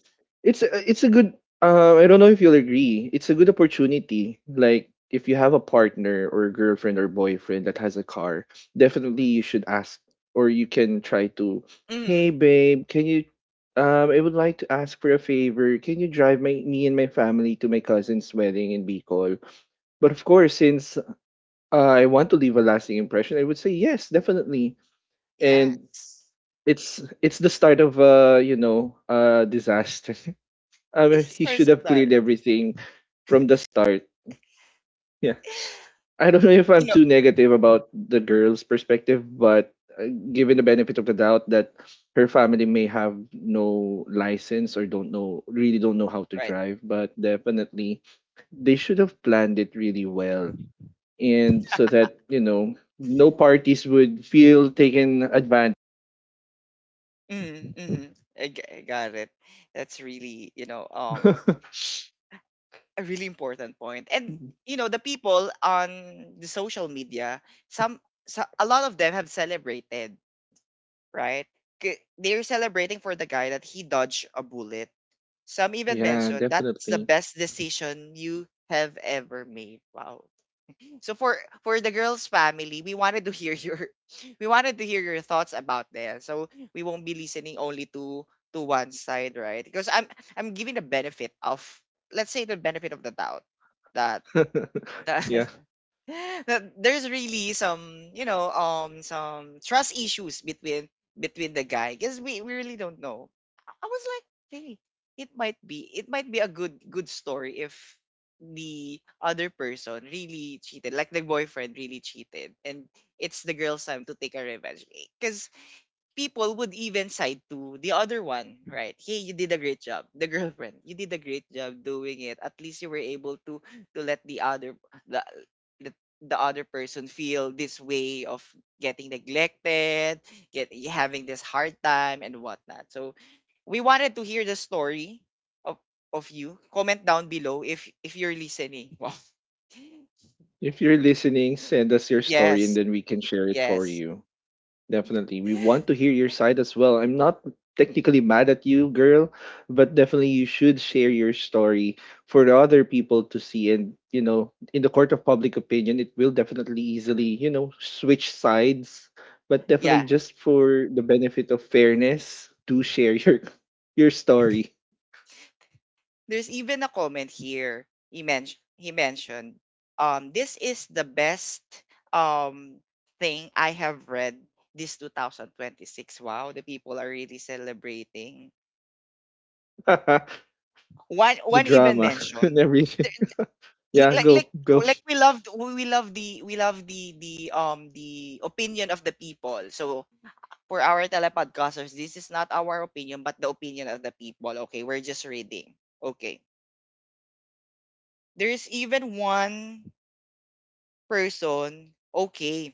it's a, it's a good uh, I don't know if you'll agree. It's a good opportunity. Like if you have a partner or a girlfriend or boyfriend that has a car, definitely you should ask or you can try to, "Hey
Hmm.
babe, can you um I would like to ask for a favor. Can you drive my me and my family to my cousin's wedding in Bicol?" But of course, since uh, I want to leave a lasting impression, I would say yes, definitely. And
Yes.
it's it's the start of uh, you know, uh disaster. <laughs> I mean,
It's
he
a
should have cleared
that.
everything from the start. Yeah.
<laughs>
I don't know if
You
I'm
know.
too negative about the girl's perspective, but uh, given the benefit of the doubt that her family may have no license or don't know, really don't know how to
Right.
drive, but definitely they should have planned it really well. And so that, you know, no parties would feel taken advantage.
Mm, mm. I, g- I got it. That's really, you know, um,
<laughs>
a really important point. And you know, the people on the social media, some, so, a lot of them have celebrated, right? K- They're celebrating for the guy that he dodged a bullet. Some even
Yeah,
mentioned that's the
definitely.
best decision you have ever made. Wow, so for for the girls' family, we wanted to hear your <laughs> we wanted to hear your thoughts about this. So we won't be listening only to to one side, right? Because I'm I'm giving the benefit of, let's say, the benefit of the doubt that
<laughs>
that <laughs>
Yeah.
that there's really some, you know, um some trust issues between between the guy, because we, we really don't know. i I was like, hey, it might be it might be a good good story if the other person really cheated, like the boyfriend really cheated, and it's the girl's time to take a revenge, because people would even side to the other one, right? Hey, you did a great job. The girlfriend, you did a great job doing it. At least you were able to to let the other the the, the other person feel this way of getting neglected, get having this hard time and whatnot. So we wanted to hear the story of of you. Comment down below if if you're listening. <laughs> Wow.
If you're listening, send us your story and
Yes.
then we can share it for
Yes.
you. Definitely. We want to hear your side as well. I'm not technically mad at you, girl, but definitely you should share your story for the other people to see. And, you know, in the court of public opinion, it will definitely easily, you know, switch sides. But definitely
Yeah.
just for the benefit of fairness, do share your <laughs> your story.
There's even a comment here. He mentioned he mentioned, um this is the best um thing I have read this twenty twenty-six. Wow, the people are really celebrating.
<laughs> The
One one even
drama <laughs> and
mentioned,
everything.
there- i-
Yeah,
like
go,
like
go.
like we love we love the we love the the um the opinion of the people. So for our telepodcasters, this is not our opinion but the opinion of the people. Okay, we're just reading. Okay. There's even one person, okay.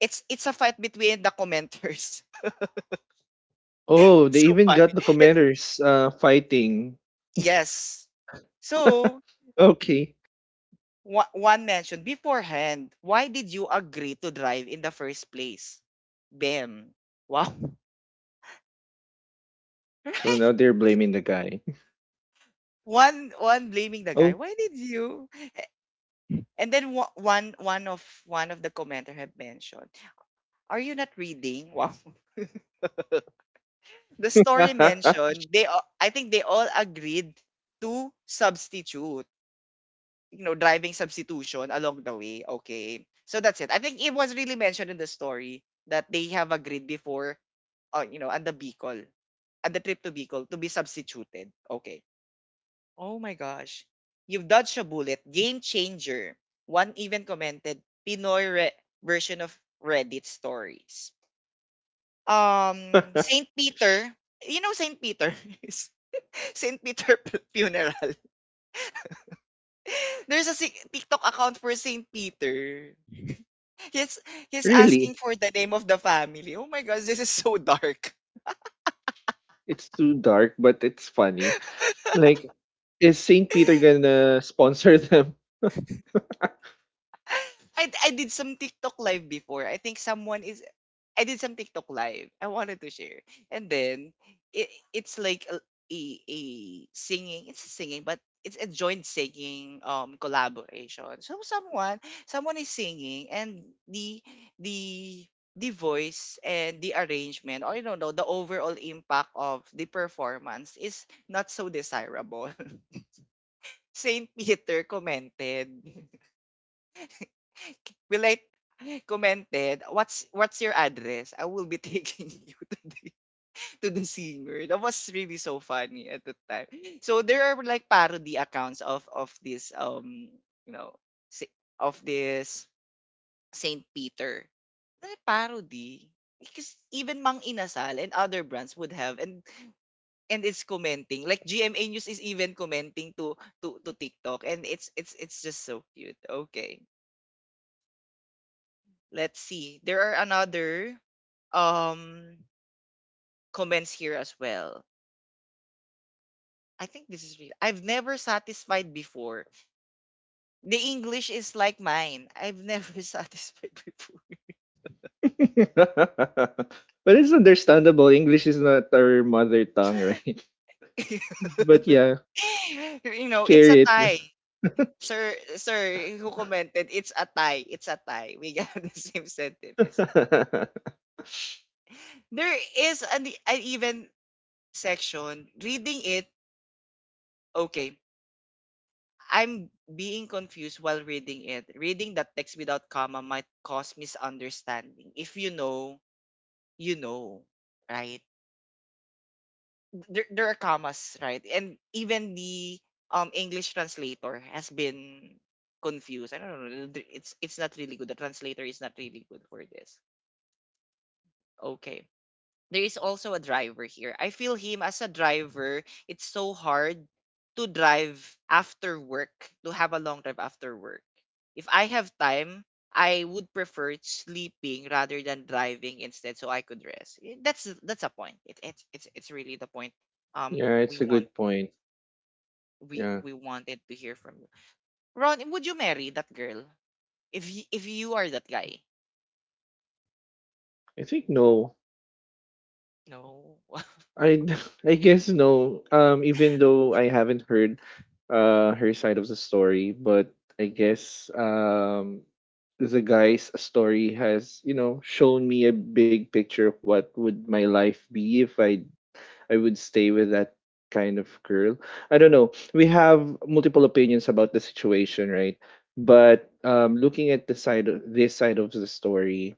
It's it's a fight between the commenters. <laughs>
Oh, they
So
even
funny.
got the
It-
commanders uh fighting.
yes. So,
Okay.
wa- one mentioned beforehand, why did you agree to drive in the first place? Bam. Wow. <laughs>
So
Right?
now they're blaming the guy. <laughs>
One one blaming the guy.
Oh.
Why did you? And then wa- one one of one of the commenter had mentioned, "Are you not reading?" Wow. <laughs> The story
<laughs>
mentioned, they all- I think they all agreed to substitute, you know, driving substitution along the way. Okay. So that's it. I think it was really mentioned in the story that they have agreed before, uh, you know, and the Bicol, at the trip to Bicol to be substituted. Okay. Oh my gosh. You've dodged a bullet. Game changer. One even commented Pinoy re- version of Reddit stories. Um, Saint Peter. You know Saint Peter? <laughs> Saint Peter <laughs> Funeral. <laughs> There's a si- TikTok account for Saint Peter. he's he's asking
Really?
for the name of the family. Oh my gosh, this is so dark.
It's too dark, but it's funny. Like, is Saint Peter gonna sponsor them? <laughs> But
<laughs> I I did some TikTok live before. I think someone is I did some TikTok live. I wanted to share. And then it it's like a a, a singing. It's a singing, but it's a joint singing um collaboration. So someone someone is singing and the the the voice and the arrangement, or I don't know, the overall impact of the performance is not so desirable. Saint Peter commented, <laughs> will I commented, what's what's your address? I will be taking <laughs> you to the, to the singer. That was really so funny at the time. So there are like parody accounts of of this um you know si- of this Saint Peter. They're parody because even Mang Inasal and other brands would have and and it's commenting like G M A News is even commenting to to to TikTok, and it's it's it's just so cute. Okay. Let's see. There are another um comments here as well. I think this is real. I've never satisfied before. The English is like mine. I've never <laughs> satisfied before.
it's understandable. English is not our mother tongue, right? <laughs> But
<laughs>
yeah,
<laughs> You know, it's
share
a
it.
tie. Sir, sir, who commented, it's a tie. It's a tie. We have the <laughs> same sentiments.
<laughs>
There is an, an even section. Reading it, okay. I'm being confused while reading it. Reading that text without comma might cause misunderstanding. If you know, you know, right? There, there are commas, right? And even the um English translator has been confused. I don't know. th- It's it's not really good. The translator is not really good for this. Okay. There is also a driver here. I feel him as a driver, it's so hard to drive after work, to have a long drive after work. If I have time, I would prefer sleeping rather than driving instead so I could rest. Eh, That's that's a point. It, it's it's it's really the point. um
Yeah,
we
it's a
want
good point.
we
Yeah.
we wanted to hear from you. Ron, would you marry that girl if y- if you are that guy?
I think no.
No. <laughs>
I <laughs> I guess no. Um, even though I haven't heard uh her side of the story, but I guess um the guy's story has, you know, shown me a big picture of what would my life be if I I would stay with that kind of girl. I don't know. We have multiple opinions about the situation, right? But um looking at the side of this side of the story,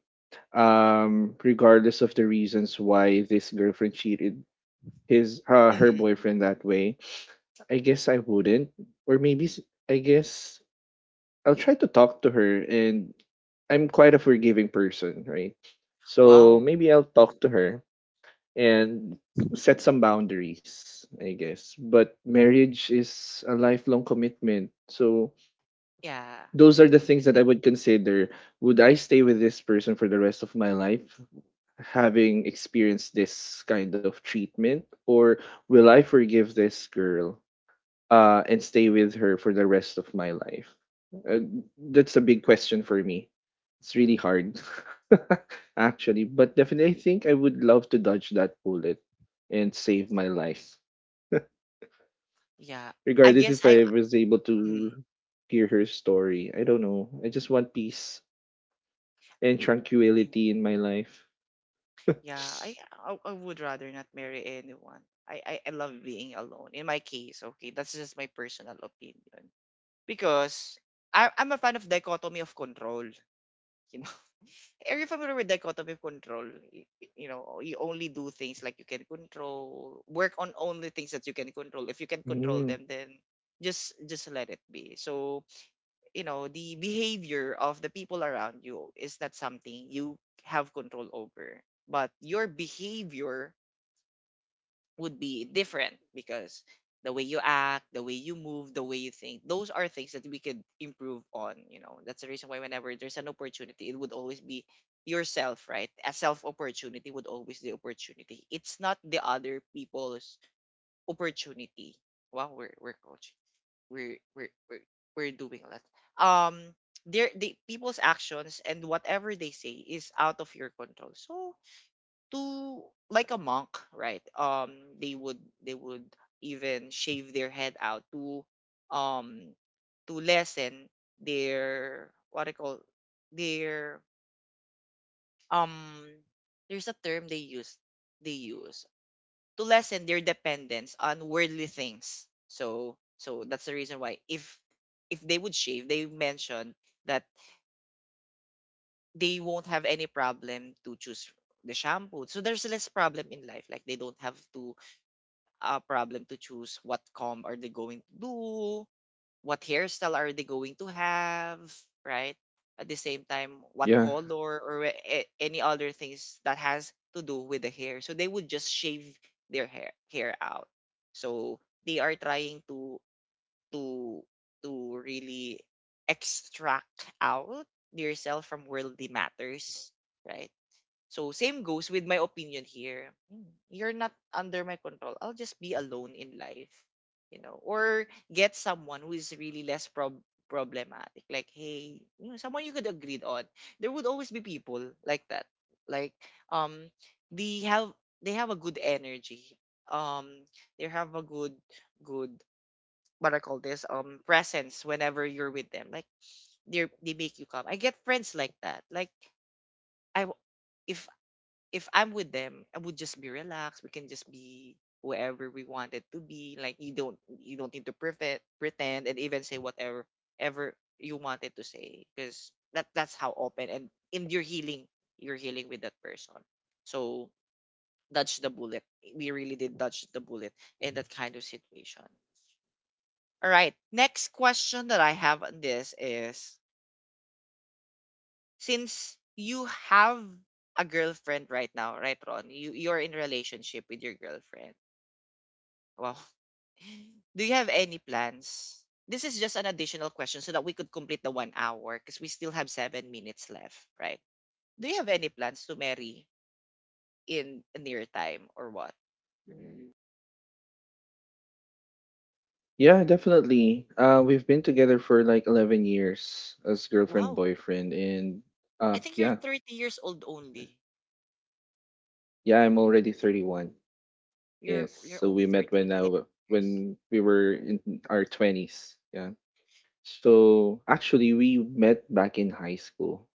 um regardless of the reasons why this girlfriend cheated his uh, her
Mhm.
boyfriend that way, I guess I wouldn't. Or maybe s- I guess I'll try to talk to her, and I'm quite a forgiving person, right? So
Wow.
maybe I'll talk to her and set some boundaries, I guess. But marriage is a lifelong commitment. So
Yeah.
those are the things that I would consider. Would I stay with this person for the rest of my life, having experienced this kind of treatment? Or will I forgive this girl uh, and stay with her for the rest of my life? Uh, that's a big question for me. It's really hard, <laughs> actually. But definitely, I think I would love to dodge that bullet and save my life,
Yeah. I
regardless
guess
if
I
I was able
Mm,
to hear her story. I don't know. I just want peace and
y-
tranquility in my life.
yeah, I, I I would rather not marry anyone. I, I I love being alone. In my case, okay, that's just my personal opinion because I I'm a fan of dichotomy of control. <laughs> You know, are you familiar with dichotomy of control? Y- y- You know, you only do things like you can control. Work on only things that you can control. If you can control
Mm,
them, then just just let it be. So you know the behavior of the people around you is not something you have control over, but your behavior would be different, because the way you act, the way you move, the way you think, those are things that we could improve on. You know that's the reason why whenever there's an opportunity, it would always be yourself, right? A self opportunity would always be opportunity. It's not the other people's opportunity. Wow, we're, we're coaching, we're we're we're, we're doing that, um their the people's actions, and whatever they say is out of your control. So to, like, a monk, right? Um they would they would even shave their head out to um to lessen their what I call their um there's a term they use they use to lessen their dependence on worldly things. So so that's the reason why if if they would shave, they mentioned that they won't have any problem to choose the shampoo. So there's less problem in life. Like they don't have to a problem to choose what comb are they going to do, what hairstyle are they going to have, right? At the same time, what
yeah.
color or a- a- any other things that has to do with the hair. So they would just shave their hair hair out. So they are trying to to to really extract out their self from worldly matters, right? So same goes with my opinion here. Mm. You're not under my control. I'll just be alone in life, you know, or get someone who is really less prob- problematic. Like, hey, you know, someone you could agree on. There would always be people like that. Like, um, they have they have a good energy. Um, they have a good good what I call this um presence whenever you're with them. Like they are they make you calm. I get friends like that. Like I w- if if I'm with them, I would just be relaxed. We can just be wherever we wanted to be. Like you don't you don't need to pretend pretend and even say whatever ever you wanted to say, because that that's how open and in your healing you're healing with that person. So dodge the bullet. We really did dodge the bullet in that kind of situation. All right. Next question that I have on this is since you have a girlfriend right now, right, Ron? You you're in relationship with your girlfriend. Wow. <laughs> Do you have any plans? This is just an additional question so that we could complete the one hour because we still have seven minutes left, right? Do you have any plans to marry in a near time or what?
Yeah, definitely. Uh, we've been together for like eleven years as girlfriend
Wow.
boyfriend and
I
uh
think you're
yeah.
thirty years old only.
Yeah, I'm already thirty-one.
You're
Yes.
you're
So
only
we met
thirty-one,
when I
eleven
w-
years.
when we were in our twenties. Yeah. So actually we met back in high school.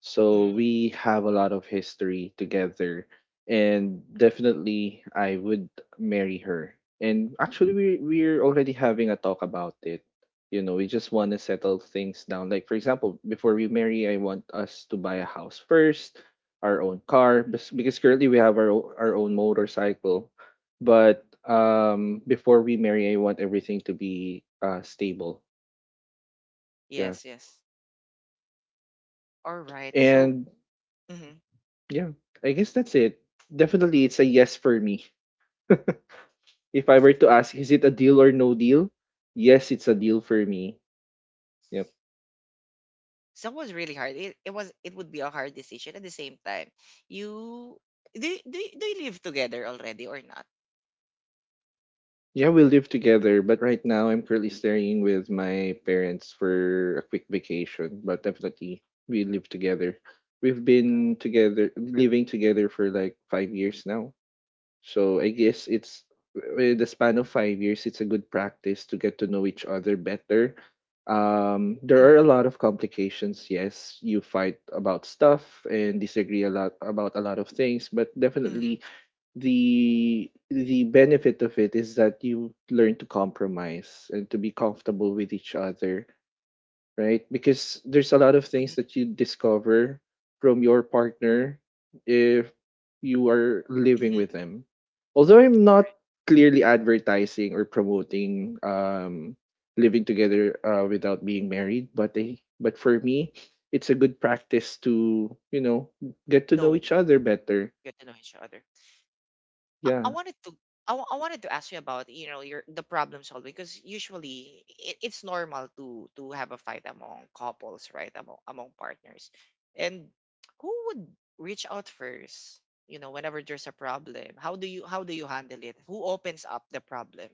So
Mm.
we have a lot of history together. And definitely, I would marry her. And actually, we, we're already having a talk about it. You know, we just want to settle things down. Like, for example, before we marry, I want us to buy a house first, our own car, bes- because currently we have our, o- our own motorcycle. But um, before we marry, I want everything to be uh, stable. Yeah.
Yes, yes. All right. So,
And
mhm.
yeah, I guess that's it. Definitely, it's a yes for me. If I were to ask, is it a deal or no deal? Yes, it's a deal for me. Yep.
So it was really hard. It, it was it would be a hard decision at the same time. You do, you- do, you- do you live together already or not?
Yeah, we live together, but right now I'm currently staying with my parents for a quick vacation. But definitely, we live together. We've been together, living together for like five years now. So I guess it's in the span of five years, it's a good practice to get to know each other better. Um, there are
Mm-hmm.
a lot of complications. Yes, you fight about stuff and disagree a lot about a lot of things, but
Mm-hmm.
definitely the the benefit of it is that you learn to compromise and to be comfortable with each other, right? Because there's a lot of things that you discover from your partner if you are living
Mhm.
with them. Although I'm not clearly advertising or promoting um, living together uh, without being married, but they, but for me, it's a good practice to, you know, get to know
No,
each other better.
get to know each other. I, I
Yeah.
wanted to I, wa- I wanted to ask you about you know your the problem solving because usually it, it's normal to to have a fight among couples, right, among among partners. And who would reach out first, you know, whenever there's a problem? How do you how do you handle it? Who opens up the problem?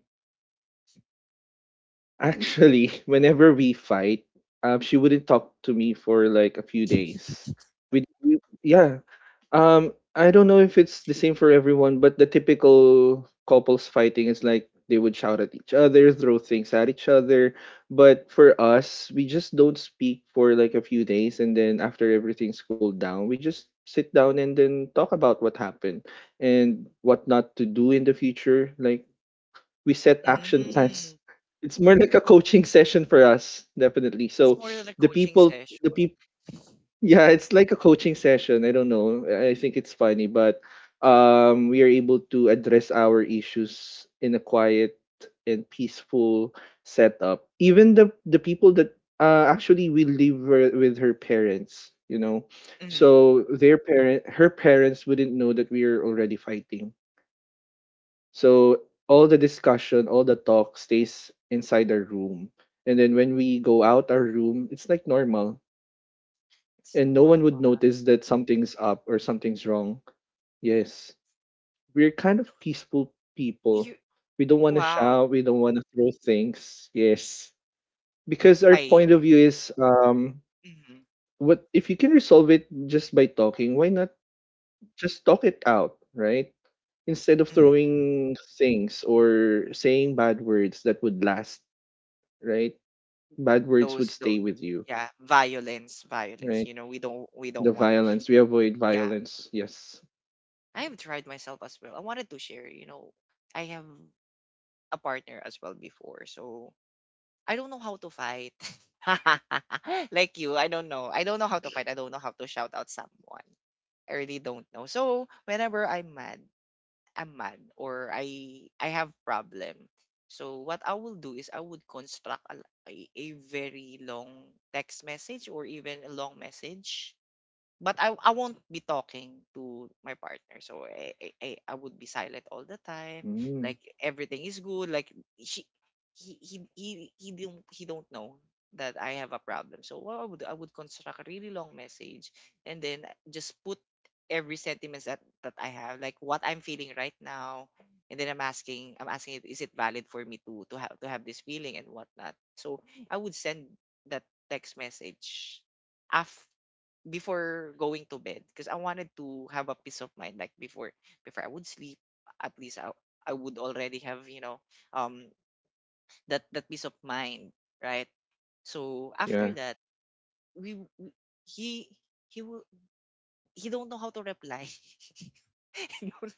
Actually, <laughs> whenever we fight, um, she wouldn't talk to me for like a few days. We, we yeah. Um, I don't know if it's the same for everyone, but the typical couples fighting is like they would shout at each other, throw things at each other. But for us, we just don't speak for like a few days, and then after everything's cooled down, we just sit down and then talk about what happened and what not to do in the future. Like, we set action plans.
Mm
It's more like a coaching session for us, definitely.
It's
So
more than a
the
coaching
people,
session.
the people, yeah, it's like a coaching session. I don't know. I I think it's funny, but um, we are able to address our issues in a quiet and peaceful setup. Even the the people that uh, actually we live wi- with her parents, you know,
Hmm
so their parent, her parents wouldn't know that we are already fighting, so all the discussion, all the talk stays inside our room. And then when we go out our room, it's like normal.
It's
And no
normal.
one would notice that something's up or something's wrong. Yes. We're kind of peaceful
You
people. We don't want to
wow,
shout. We don't want to throw things. Yes. Because our
I,
point of view is, um,
mhm,
what if you can resolve it just by talking, why not just talk it out, right? Instead of
mhm, mhm.
throwing things or saying bad words that would last, right? Bad words would
those those
stay with you,
yeah, violence violence
right?
you know, we don't we
The
don't want.
violence, we avoid
Yeah,
violence. Yes.
I have tried myself as well. I wanted to share, you know, I have a partner as well before. So I don't know how to fight. <laughs> Like you, I don't know, i don't know how to fight. I don't know how to shout out someone. I really don't know. So whenever I'm mad, I'm mad or I I have problem. So what I will do is I would construct a, a, a very long text message or even a long message, but I I won't be talking to my partner. So I, I I I would be silent all the time. Like
Mm,
everything is good. Like she he he he he don't he don't know that I have a problem. So what I would I would construct a really long message and then just put every sentiments that that I have, like what I'm feeling right now. And then I'm asking, I'm asking, it, is it valid for me to to have to have this feeling and whatnot? So I would send that text message af before going to bed because I wanted to have a peace of mind. Like before before I would sleep, at least I, I would already have, you know, um that that peace of mind, right? So after
yeah.
that, we, we he he will he don't know how to reply. <laughs> <laughs> You don't,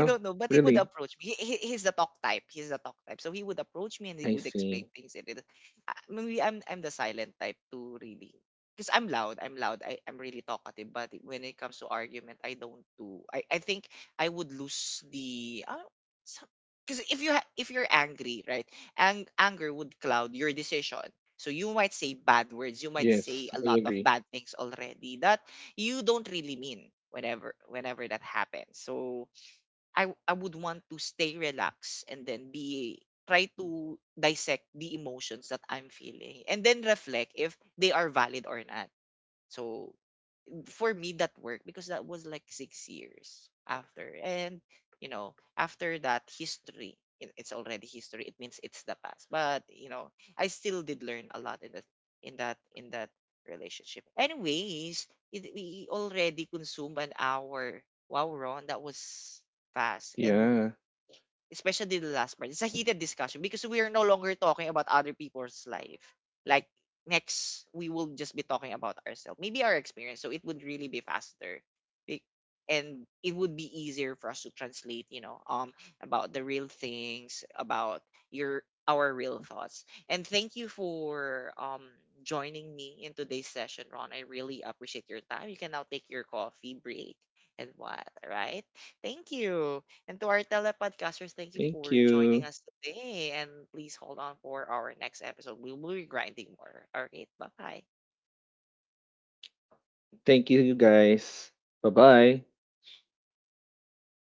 you don't know, but he would
really?
approach me. He, he- he's the talk type. He's the talk type. So he would approach me and he
I
would explain
see.
things. And it, uh, maybe I'm I'm the silent type too, really, because I'm loud. I'm loud. I I'm really talkative. But when it comes to argument, I don't do. I I think I would lose the. Because if you ha- if you're angry, right, ang- anger would cloud your decision. So you might say bad words. You might say
Yes,
a
I
lot of
agree.
bad things already that you don't really mean. Whenever whenever that happens, so i w- I would want to stay relaxed and then be try to dissect the emotions that I'm feeling and then reflect if they are valid or not. So for me that worked, because that was like six years after. And you know, after that history, it- it's already history. It means it's the past. But you know, I still did learn a lot in that, in that in that relationship. Anyways, it, we already consumed an hour. Wow, Ron, that was fast. And
Yeah.
especially the last part, it's a heated discussion because we are no longer talking about other people's life. Like next, we will just be talking about ourselves, maybe our experience. So it would really be faster. Be- and it would be easier for us to translate. You know, um, about the real things, about your our real thoughts. And thank you for um joining me in today's session, Ron. I really appreciate your time. You can now take your coffee break and what, right? Thank you. And to our telepodcasters, thank you
Thank
for joining
you.
us today. And please hold on for our next episode. We will be grinding more. All right. Bye
Thank you, guys. Bye bye.
bye.